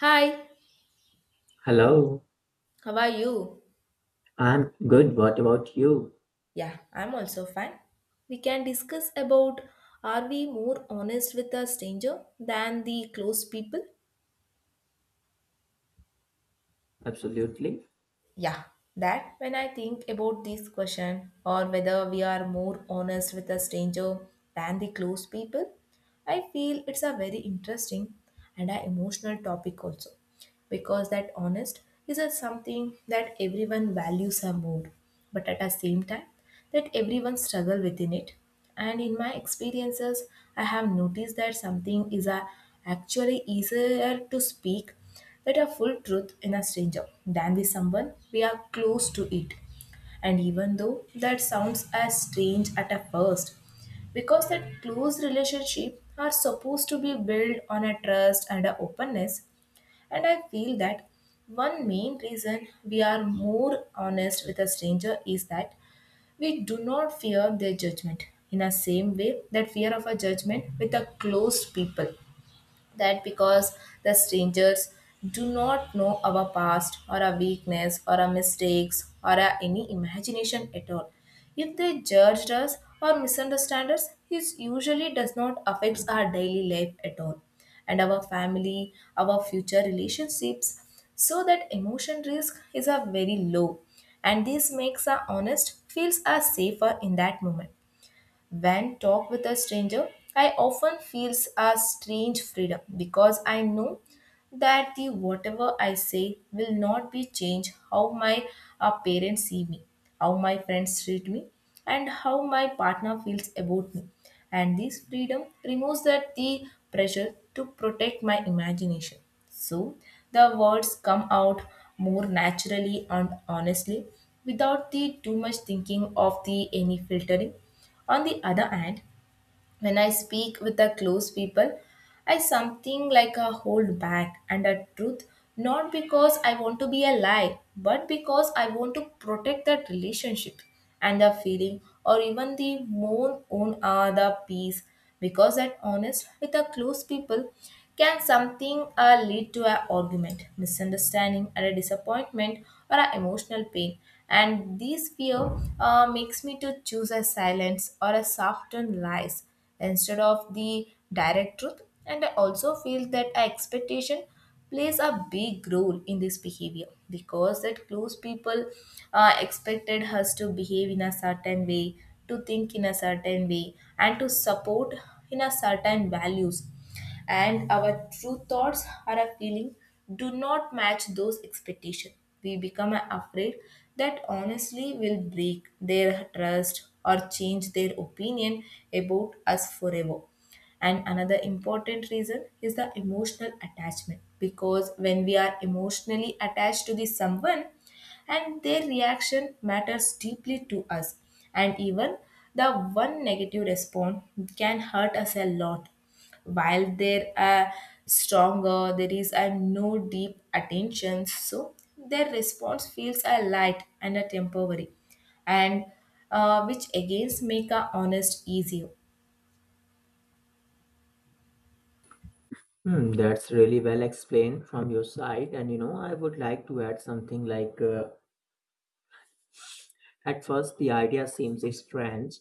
Hi, Hello, how are you? I'm good. What about you? Yeah, I'm also fine. We can discuss about are we more honest with a stranger than the close people? Absolutely. Yeah, that. When I think about this question, or whether we are more honest with a stranger than the close people, I feel it's a very interesting and a emotional topic also. Because that honest is a something that everyone values a more, but at the same time that everyone struggle within it. And in my experiences I have noticed that something is a actually easier to speak that a full truth in a stranger than with someone we are close to it. And even though that sounds as strange at a first, because that close relationship are supposed to be built on a trust and a openness. And I feel that one main reason we are more honest with a stranger is that we do not fear their judgment in the same way that fear of a judgment with a close people, that because the strangers do not know our past or our weakness or our mistakes or our any imagination at all. If they judged us or misunderstand us, it usually does not affect our daily life at all and our family, our future relationships. So that emotion risk is a very low and this makes our honest feels us safer in that moment. When talk with a stranger, I often feels a strange freedom because I know that the whatever I say will not be changed how my parents see me, how my friends treat me, and how my partner feels about me. And this freedom removes that the pressure to protect my imagination. So the words come out more naturally and honestly without the too much thinking of the any filtering. On the other hand, when I speak with the close people, I something like a hold back and a truth, not because I want to be a lie, but because I want to protect that relationship and the feeling, or even the more own the peace. Because that honest with the close people can something lead to an argument, misunderstanding, and a disappointment or an emotional pain. And this fear makes me to choose a silence or a softened lies instead of the direct truth. And I also feel that expectation plays a big role in this behavior because that clues people expected us to behave in a certain way, to think in a certain way, and to support in a certain values and our true thoughts or our feeling do not match those expectations. We become afraid that honestly will break their trust or change their opinion about us forever. And another important reason is the emotional attachment because when we are emotionally attached to the someone, and their reaction matters deeply to us and even the one negative response can hurt us a lot while there are stronger there is a no deep attention so their response feels a light and a temporary and which again make a honest easier. Hmm, that's really well explained from your side. And I would like to add something like at first, the idea seems strange.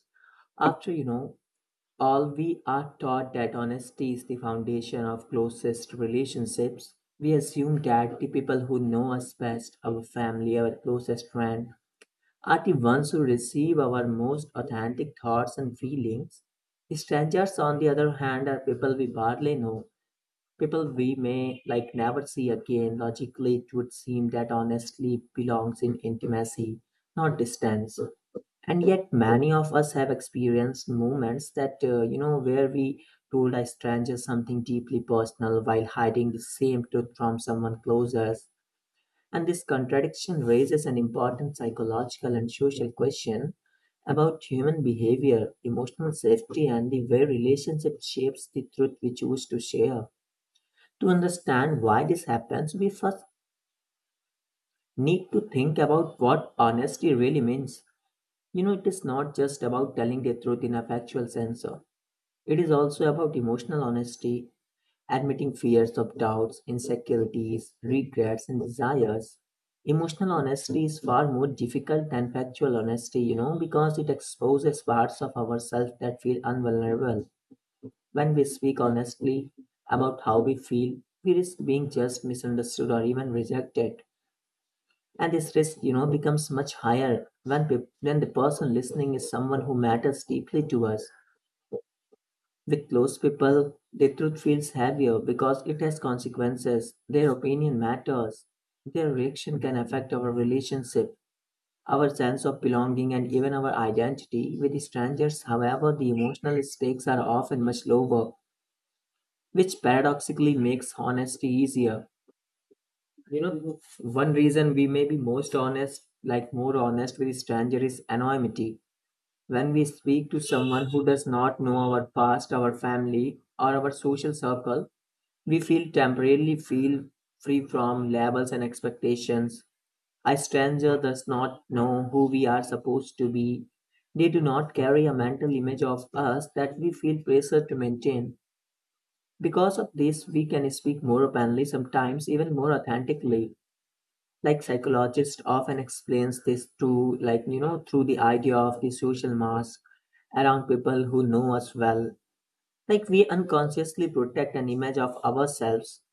After, all we are taught that honesty is the foundation of closest relationships, we assume that the people who know us best, our family, our closest friend, artists ones who receive our most authentic thoughts and feelings. Strangers, on the other hand, are people we barely know, people we may like never see again. Logically, it would seem that honestly belongs in intimacy, not distance. And yet, many of us have experienced moments that where we told a stranger something deeply personal while hiding the same truth from someone closer, and this contradiction raises an important psychological and social question about human behavior, emotional safety, and the way relationship shapes the truth we choose to share. To understand why this happens, we first need to think about what honesty really means. It is not just about telling the truth in a factual sense. It is also about emotional honesty, admitting fears of doubts, insecurities, regrets, and desires. Emotional honesty is far more difficult than factual honesty, because it exposes parts of ourselves that feel unvulnerable. When we speak honestly about how we feel, we risk being judged, misunderstood, or even rejected. And this risk, becomes much higher when the person listening is someone who matters deeply to us. With close people, the truth feels heavier because it has consequences. Their opinion matters. Their reaction can affect our relationship, our sense of belonging, and even our identity with strangers. However, the emotional stakes are often much lower, which paradoxically makes honesty easier. One reason we may be most honest, like more honest with a stranger, is anonymity. When we speak to someone who does not know our past, our family, or our social circle, We feel temporarily feel free from labels and expectations. A stranger does not know who we are supposed to be. They do not carry a mental image of us that we feel pressure to maintain. Because of this, we can speak more openly, sometimes even more authentically. Like psychologists often explains this through, like you know, through the idea of the social mask around people who know us well. Like we unconsciously protect an image of ourselves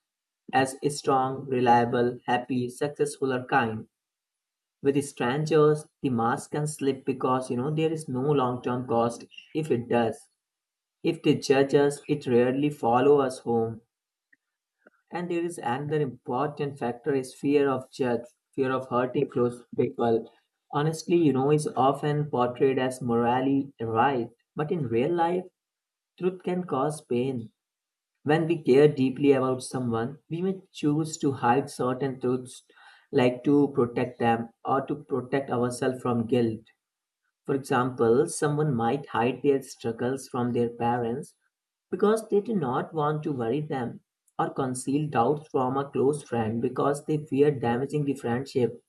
as strong, reliable, happy, successful or kind. With strangers, the mask can slip because there is no long term cost if it does. If they judge us, it rarely follow us home. And there is another important factor is fear of judge, fear of hurting close people. Honestly, is often portrayed as morally right, but in real life, truth can cause pain. When we care deeply about someone, we may choose to hide certain truths, like to protect them or to protect ourselves from guilt. For example, someone might hide their struggles from their parents because they do not want to worry them or conceal doubts from a close friend because they fear damaging the friendship.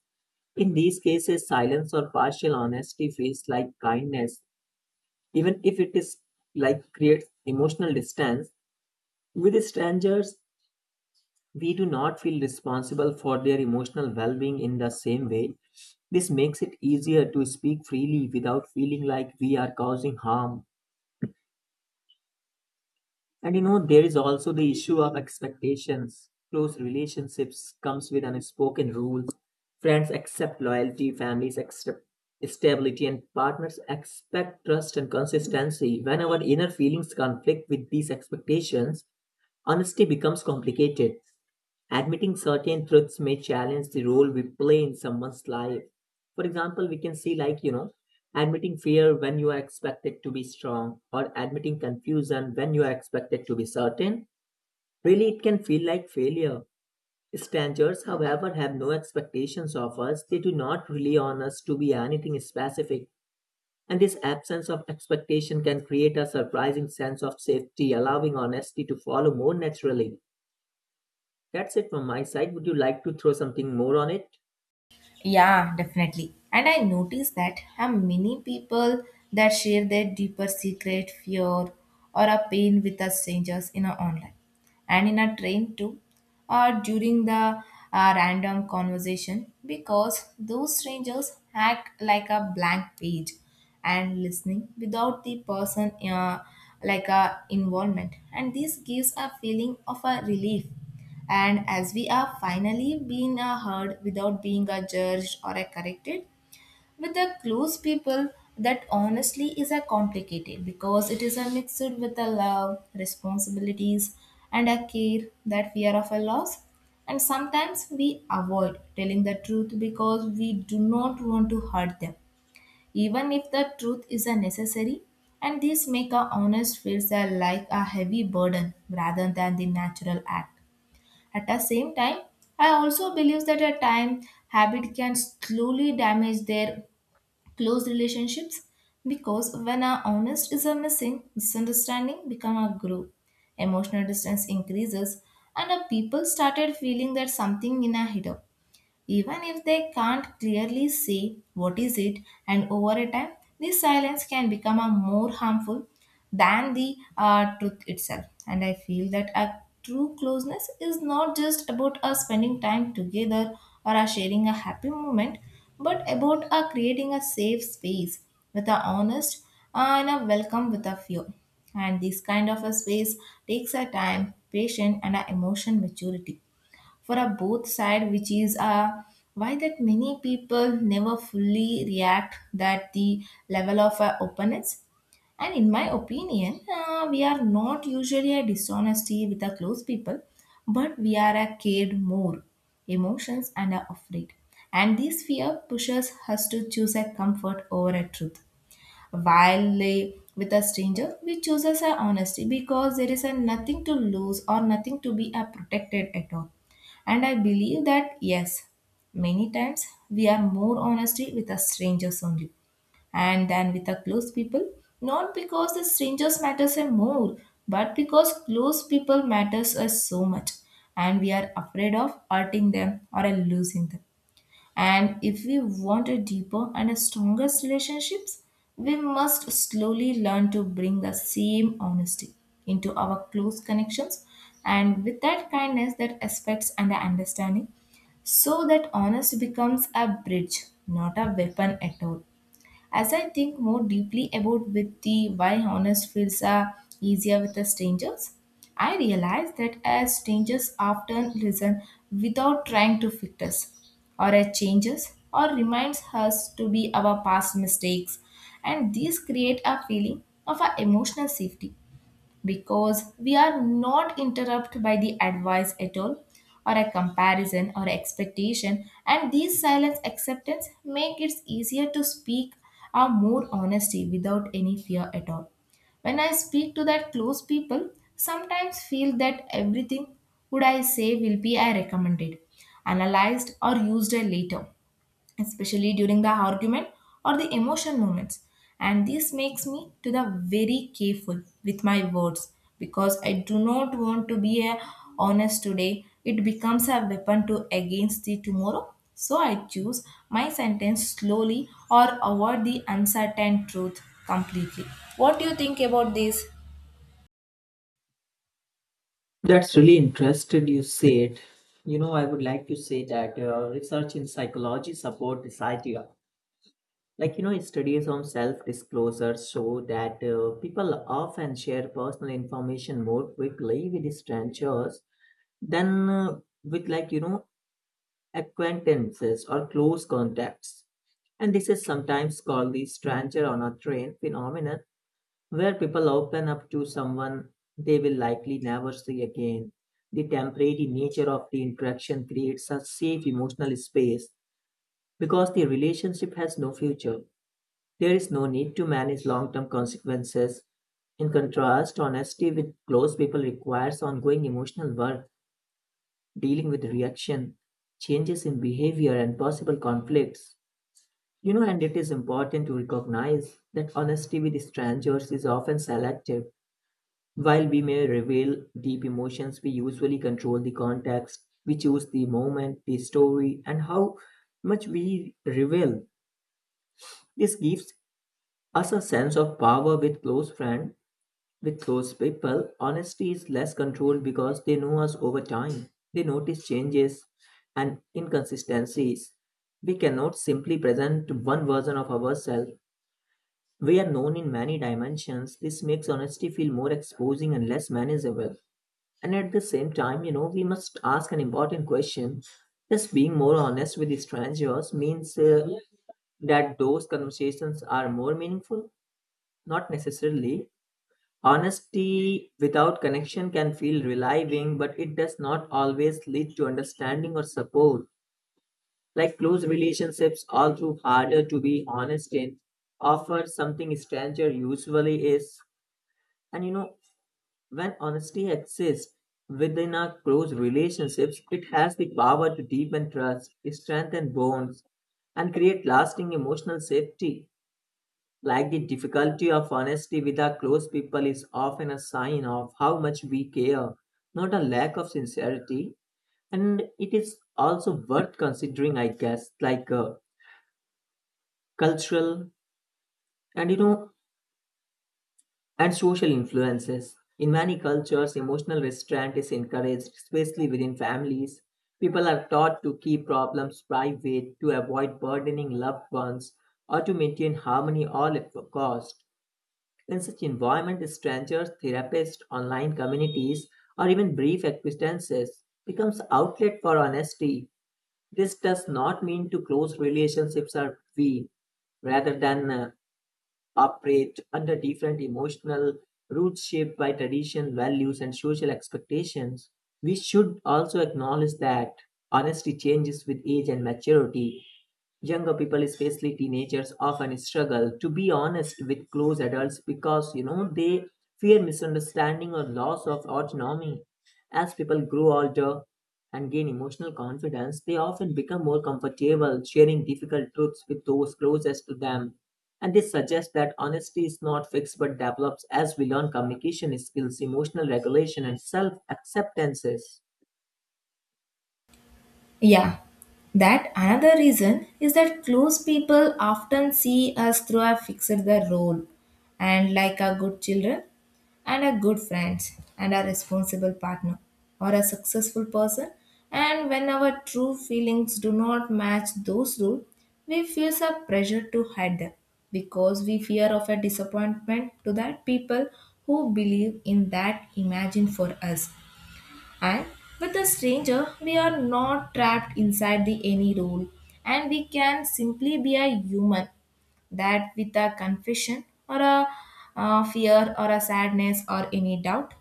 In these cases, silence or partial honesty feels like kindness, even if it is like creates emotional distance. With strangers, we do not feel responsible for their emotional well being in the same way. This makes it easier to speak freely without feeling like we are causing harm. And there is also the issue of expectations. Close relationships comes with unspoken rules. Friends accept loyalty, families accept stability, and partners expect trust and consistency. When our inner feelings conflict with these expectations, honesty becomes complicated. Admitting certain truths may challenge the role we play in someone's life. For example, we can see, like, admitting fear when you are expected to be strong, or admitting confusion when you are expected to be certain. Really, it can feel like failure. Strangers, however, have no expectations of us. They do not rely on us to be anything specific. And this absence of expectation can create a surprising sense of safety, allowing honesty to follow more naturally. That's it from my side. Would you like to throw something more on it? Yeah, definitely. And I noticed that how many people that share their deeper secret, fear, or a pain with us strangers in a online and in a train too, or during the random conversation because those strangers act like a blank page and listening without the person like a involvement and this gives a feeling of a relief and as we are finally being heard without being judged or corrected, with the close people, that honestly is a complicated because it is a mixed with a love, responsibilities, and a care that fear of a loss. And sometimes we avoid telling the truth because we do not want to hurt them, even if the truth is a necessary. And this make a honest feels like a heavy burden rather than the natural act. At the same time, I also believe that at time habit can slowly damage their close relationships because when our honest is a missing, misunderstanding become a group. Emotional distance increases and our people started feeling that something in a hidden. Even if they can't clearly say what is it, and over a time, this silence can become a more harmful than the truth itself. And I feel that a true closeness is not just about us spending time together or us sharing a happy moment, but about creating a safe space with a honest uh, and a welcome with a fear. And this kind of a space takes a time, patience, and a emotion maturity for a both side which is why that many people never fully react that the level of openness and in my opinion we are not usually a dishonesty with a close people but we are a cared more emotions and are afraid and this fear pushes us to choose a comfort over a truth while with a stranger, we chooses our honesty because there is a nothing to lose or nothing to be a protected at all. And I believe that yes, many times we are more honesty with a strangers only and than with a close people. Not because the strangers matters a more, but because close people matters us so much, and we are afraid of hurting them or losing them. And if we want a deeper and a stronger relationships, we must slowly learn to bring the same honesty into our close connections and with that kindness that aspects and the understanding so that honesty becomes a bridge, not a weapon at all. As I think more deeply about with the why honest feels are easier with the strangers, I realize that as strangers often listen without trying to fix us or as changes or reminds us to be our past mistakes and these create a feeling of our emotional safety because we are not interrupted by the advice at all or a comparison or expectation and these silence acceptance make it easier to speak or more honesty without any fear at all. When I speak to that close people sometimes feel that everything would I say will be I recommended analyzed or used later, especially during the argument or the emotion moments, and this makes me to the very careful with my words because I do not want to be a honest today it becomes a weapon to against the tomorrow. So I choose my sentence slowly or avoid the uncertain truth completely. What do you think about this? That's really interesting you say it. I would like to say that research in psychology support this idea. Like, studies on self disclosure show that people often share personal information more quickly with strangers than with, like, acquaintances or close contacts. And this is sometimes called the stranger on a train phenomenon where people open up to someone they will likely never see again. The temporary nature of the interaction creates a safe emotional space because the relationship has no future. There is no need to manage long term consequences. In contrast, honesty with close people requires ongoing emotional work, dealing with reaction, changes in behavior, and possible conflicts. And it is important to recognize that honesty with strangers is often selective. While we may reveal deep emotions, we usually control the context, we choose the moment, the story, and how much we reveal. This gives us a sense of power with close friends, with close people. Honesty is less controlled because they know us over time. They notice changes and inconsistencies. We cannot simply present one version of ourselves. We are known in many dimensions. This makes honesty feel more exposing and less manageable. And at the same time, we must ask an important question. Just being more honest with strangers means that those conversations are more meaningful? Not necessarily. Honesty without connection can feel relieving, but it does not always lead to understanding or support. Like close relationships, all too harder to be honest in, offer something stranger usually is. And when honesty exists within our close relationships, it has the power to deepen trust, strengthen bonds, and create lasting emotional safety. Like the difficulty of honesty with our close people is often a sign of how much we care, not a lack of sincerity. And it is also worth considering, I guess, like cultural and you know And social influences. In many cultures, emotional restraint is encouraged, especially within families. People are taught to keep problems private, to avoid burdening loved ones, or to maintain harmony all at a cost. In such environment, strangers, therapists, online communities, or even brief acquaintances becomes outlet for honesty. This does not mean to close relationships are weak rather than operate under different emotional roots shaped by tradition, values, and social expectations. We should also acknowledge that honesty changes with age and maturity. Younger people, especially teenagers, often struggle to be honest with close adults because they fear misunderstanding or loss of autonomy. As people grow older and gain emotional confidence, they often become more comfortable sharing difficult truths with those closest to them. And this suggests that honesty is not fixed but develops as we learn communication skills, emotional regulation, and self acceptances. Yeah, that another reason is that close people often see us through a fixed the role and like a good children and a good friends and a responsible partner or a successful person and when our true feelings do not match those rules we feel some pressure to hide them because we fear of a disappointment to that people who believe in that imagine for us and with a stranger, we are not trapped inside the any rule, and we can simply be a human that with a confession or a fear or a sadness or any doubt.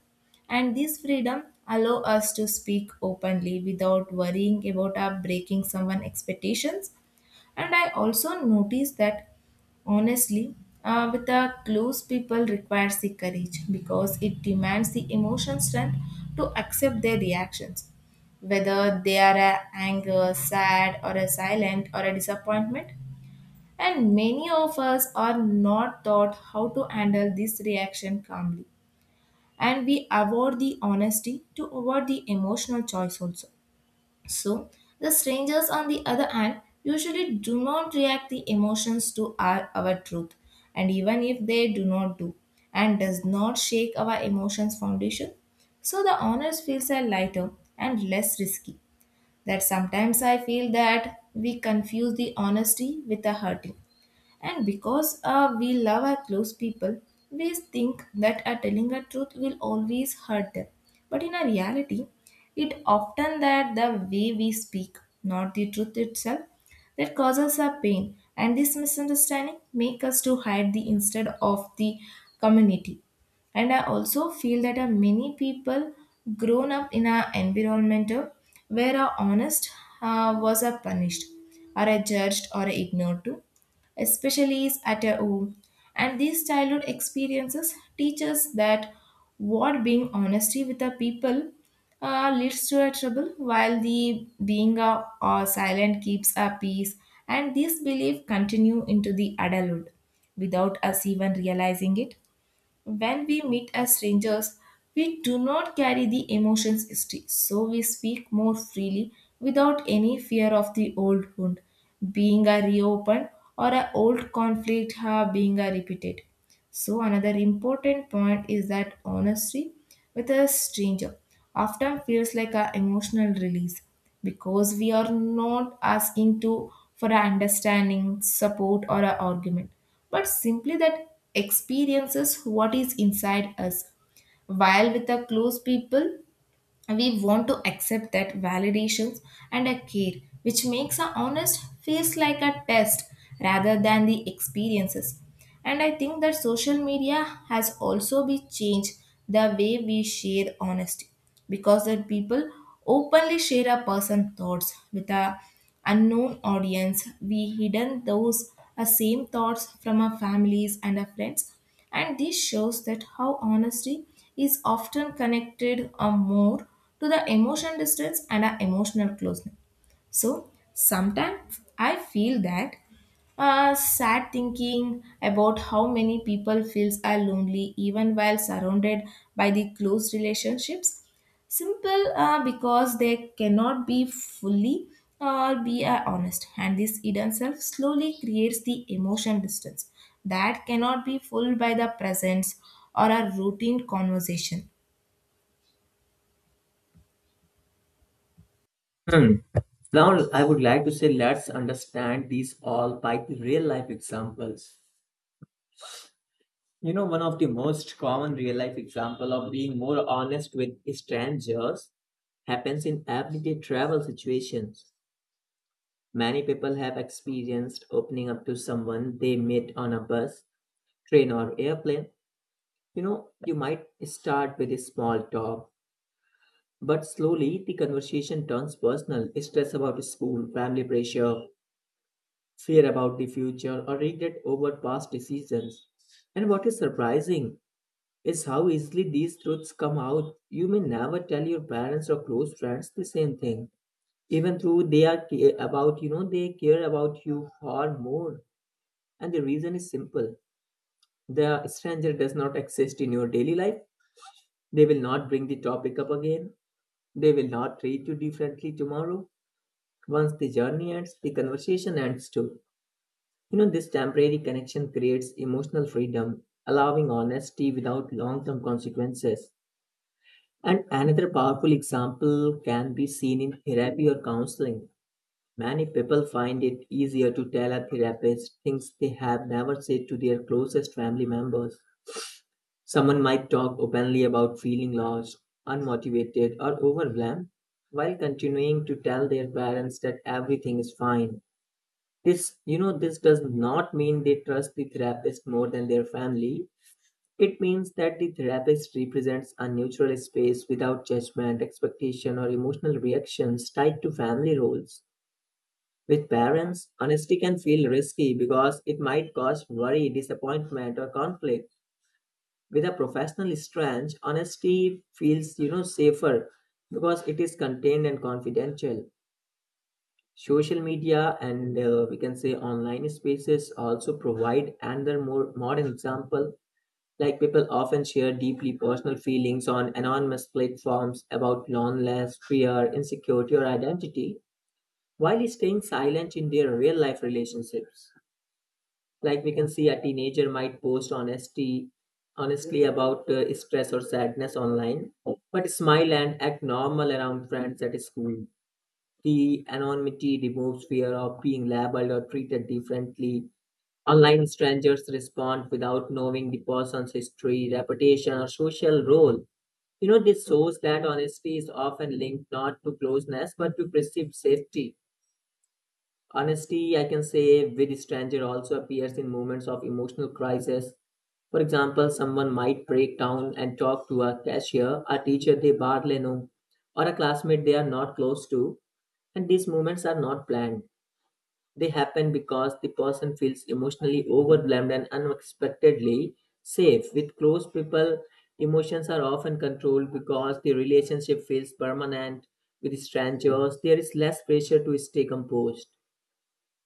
And this freedom allow us to speak openly without worrying about our breaking someone expectations. And I also notice that honestly, with the close people requires the courage because it demands the emotional strength to accept their reactions, whether they are a anger, sad, or a silent or a disappointment. And many of us are not taught how to handle this reaction calmly, and we avoid the honesty to avoid the emotional choice also. So, the strangers, on the other hand, usually do not react the emotions to our truth, and even if they do not do, and does not shake our emotions foundation, so the honest feels are lighter and less risky. That sometimes I feel that we confuse the honesty with the hurting. And because we love our close people, we think that telling a truth will always hurt them. But in a reality, it often that the way we speak, not the truth itself, that causes our pain. And this misunderstanding make us to hide the instead of the community. And I also feel that many people grown up in an environment where a honest was a punished or a judged or a ignored too, especially at a home. And these childhood experiences teach us that what being honesty with the people leads to a trouble, while the being a, silent keeps a peace. And this belief continue into the adulthood without us even realizing it. When we meet as strangers, we do not carry the emotions still, so we speak more freely without any fear of the old wound being a reopened or an old conflict being a repeated. So another important point is that honesty with a stranger often feels like an emotional release because we are not asking to for our understanding, support, or an argument, but simply that experiences what is inside us. While with the close people, we want to accept that validations and a care which makes our honest feels like a test rather than the experiences. And I think that social media has also be changed the way we share honesty because that people openly share a person's thoughts with a unknown audience we hidden those same thoughts from our families and our friends. And this shows that how honesty is often connected more to the emotion distance and our emotional closeness. So sometimes I feel that sad thinking about how many people feels are lonely even while surrounded by the close relationships simple because they cannot be fully or be honest, and this hidden self slowly creates the emotion distance that cannot be filled by the presence or a routine conversation. Hmm. Now, I would like to say let's understand these all by the real life examples. One of the most common real life example of being more honest with strangers happens in everyday travel situations. Many people have experienced opening up to someone they met on a bus, train, or airplane. You might start with a small talk, but slowly the conversation turns personal stress about school, family pressure, fear about the future, or regret over past decisions. And what is surprising is how easily these truths come out. You may never tell your parents or close friends the same thing, even though they care about you far more. And the reason is simple. The stranger does not exist in your daily life. They will not bring the topic up again. They will not treat you differently tomorrow. Once the journey ends, the conversation ends too. This temporary connection creates emotional freedom, allowing honesty without long term consequences. And another powerful example can be seen in therapy or counseling. Many people find it easier to tell a therapist things they have never said to their closest family members. Someone might talk openly about feeling lost, unmotivated, or overwhelmed while continuing to tell their parents that everything is fine. This does not mean they trust the therapist more than their family. It means that the therapist represents a neutral space without judgment, expectation, or emotional reactions tied to family roles. With parents, honesty can feel risky because it might cause worry, disappointment, or conflict with a professional strange, honesty feels, safer because it is contained and confidential. Social media and we can say online spaces also provide another more modern example. Like people often share deeply personal feelings on anonymous platforms about loneliness, fear, insecurity, or identity, while staying silent in their real life relationships. Like we can see, a teenager might post honesty honestly about stress or sadness online, but smile and act normal around friends at school. The anonymity removes fear of being labeled or treated differently. Online strangers respond without knowing the person's history, reputation, or social role. You know, this shows that honesty is often linked not to closeness but to perceived safety. Honesty, I can say, with stranger also appears in moments of emotional crisis. For example, someone might break down and talk to a cashier, a teacher they barely know, or a classmate they are not close to, and these moments are not planned. They happen because the person feels emotionally overwhelmed and unexpectedly safe. With close people, emotions are often controlled because the relationship feels permanent. With strangers, there is less pressure to stay composed.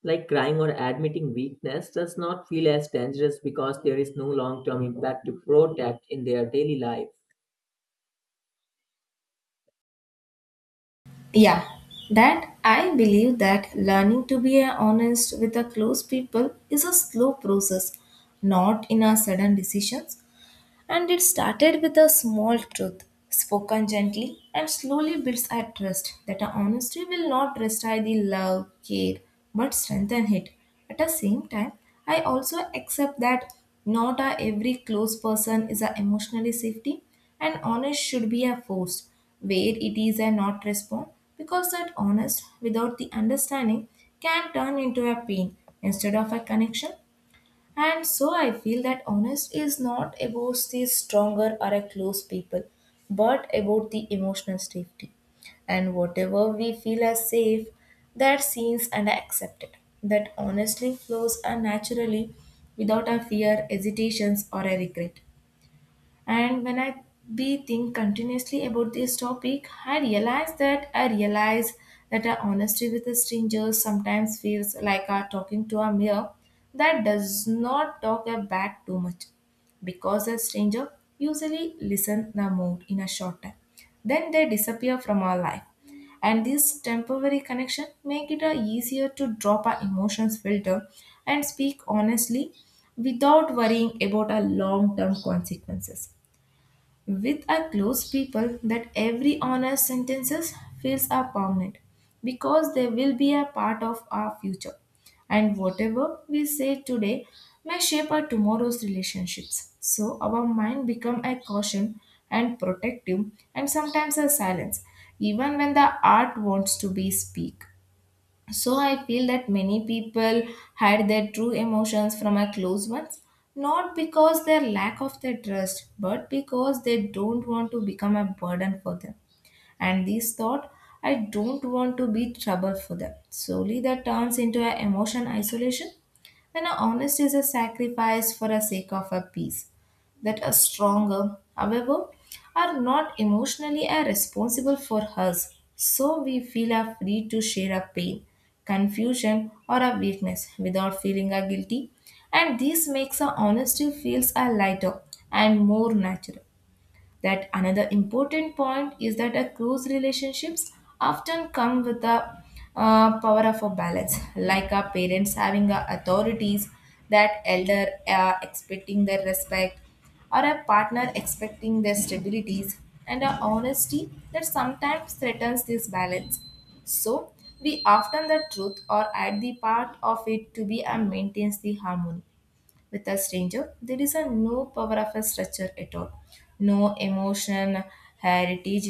Like crying or admitting weakness does not feel as dangerous because there is no long term impact to protect in their daily life. Yeah, that I believe that learning to be honest with the close people is a slow process, not in a sudden decisions. And it started with a small truth, spoken gently, and slowly builds a trust that our honesty will not destroy the love, care, but strengthen it. At the same time, I also accept that not a every close person is a emotionally safety, and honest should be a force where it is a not respond, because that honest without the understanding can turn into a pain instead of a connection. And so I feel that honest is not about the stronger or a close people, but about the emotional safety. And whatever we feel as safe, that seems and accepted. That honestly flows and naturally without a fear, hesitations, or a regret. And when I be think continuously about this topic, I realize that our honesty with a stranger sometimes feels like our talking to a mirror that does not talk back too much, because a stranger usually listen the mood in a short time. Then they disappear from our life. And this temporary connection make it a easier to drop our emotions filter and speak honestly without worrying about our long-term consequences. With our close people, that every honest sentences feels are permanent because they will be a part of our future. And whatever we say today may shape our tomorrow's relationships. So our mind become a caution and protective and sometimes a silence, even when the art wants to be speak. So I feel that many people hide their true emotions from our close ones, not because their lack of their trust, but because they don't want to become a burden for them. And this thought, I don't want to be trouble for them, solely that turns into an emotion isolation when a honest is a sacrifice for the sake of a peace, that are stronger, however, are not emotionally are responsible for us, so we feel are free to share our pain, confusion, or our weakness without feeling our guilty, and this makes our honesty feels a lighter and more natural. That another important point is that a close relationships often come with a power of a balance, like our parents having a authorities, that elder expecting their respect, or a partner expecting their stabilities, and a honesty that sometimes threatens this balance. So we often the truth or add the part of it to be and maintains the harmony with a stranger, there is a no power of a structure at all. No emotion, heritage,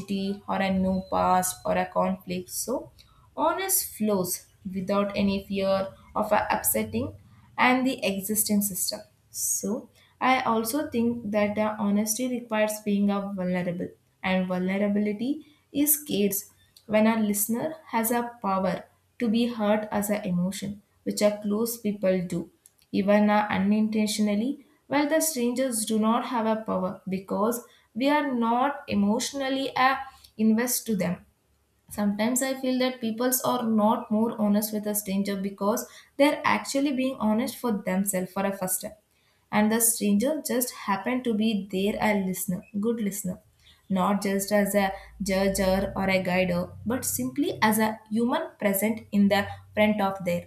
or a no past or a conflict. So, honest flows without any fear of a upsetting and the existing system. So, I also think that the honesty requires being a vulnerable, and vulnerability is scarce when a listener has a power to be hurt as an emotion, which a close people do even unintentionally, while the strangers do not have a power because we are not emotionally invest to them. Sometimes I feel that peoples are not more honest with a stranger because they're actually being honest for themselves for a first time. And the stranger just happened to be there a listener, good listener, not just as a judger or a guider, but simply as a human present in the front of there.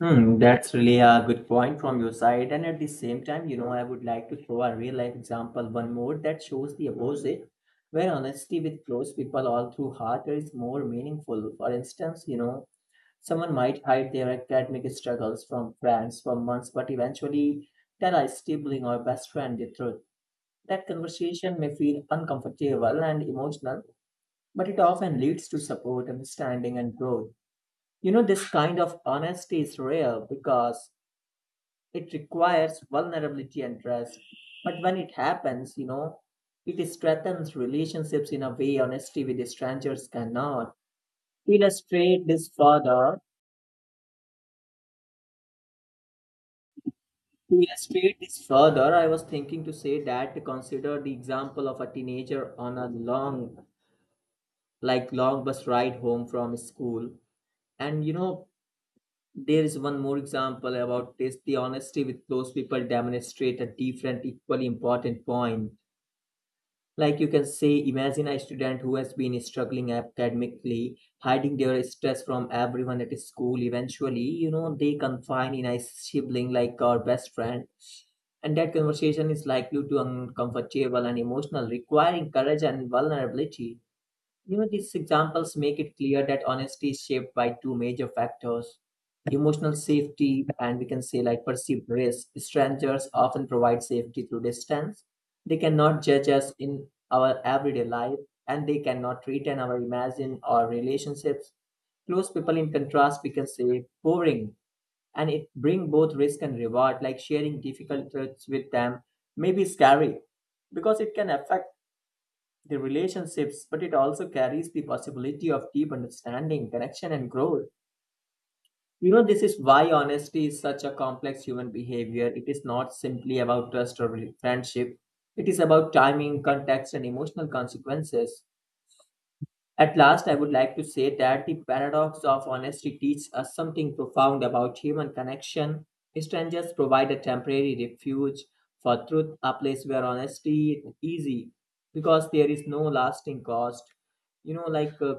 Hmm, that's really a good point from your side. And at the same time, you know, I would like to throw a real life example, one more that shows the opposite, where honesty with close people all through heart is more meaningful. For instance, you know, someone might hide their academic struggles from friends for months, but eventually tell a sibling or best friend the truth. That conversation may feel uncomfortable and emotional, but it often leads to support, understanding, and growth. You know, this kind of honesty is rare because it requires vulnerability and trust. But when it happens, you know, it strengthens relationships in a way honesty with strangers cannot. To illustrate this further, to illustrate this further, I was thinking to say that to consider the example of a teenager on a long, like long bus ride home from school. And you know, there is one more example about this. The honesty with close people demonstrate a different, equally important point. Like you can say, imagine a student who has been struggling academically, hiding their stress from everyone at school. Eventually, you know, they confide in a sibling like our best friend. And that conversation is likely to uncomfortable and emotional, requiring courage and vulnerability. You know, these examples make it clear that honesty is shaped by two major factors: emotional safety, and we can say like perceived risk. Strangers often provide safety through distance. They cannot judge us in our everyday life, and they cannot threaten our imagine or relationships. Close people, in contrast, we can say boring, and it bring both risk and reward. Like sharing difficult truths with them may be scary because it can affect the relationships, but it also carries the possibility of deep understanding, connection, and growth. You know, this is why honesty is such a complex human behavior. It is not simply about trust or friendship, it is about timing, context, and emotional consequences. At last, I would like to say that the paradox of honesty teaches us something profound about human connection. Strangers provide a temporary refuge for truth, a place where honesty is easy because there is no lasting cost. You know,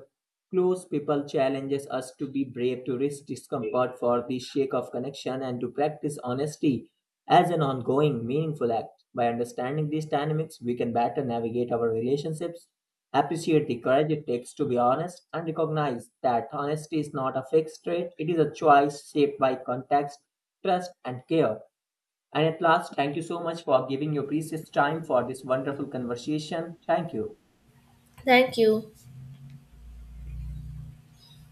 close people challenges us to be brave, to risk discomfort for the sake of connection, and to practice honesty as an ongoing, meaningful act. By understanding these dynamics, we can better navigate our relationships, appreciate the courage it takes to be honest, and recognize that honesty is not a fixed trait, it is a choice shaped by context, trust, and care. And at last, thank you so much for giving your precious time for this wonderful conversation. Thank you. Thank you.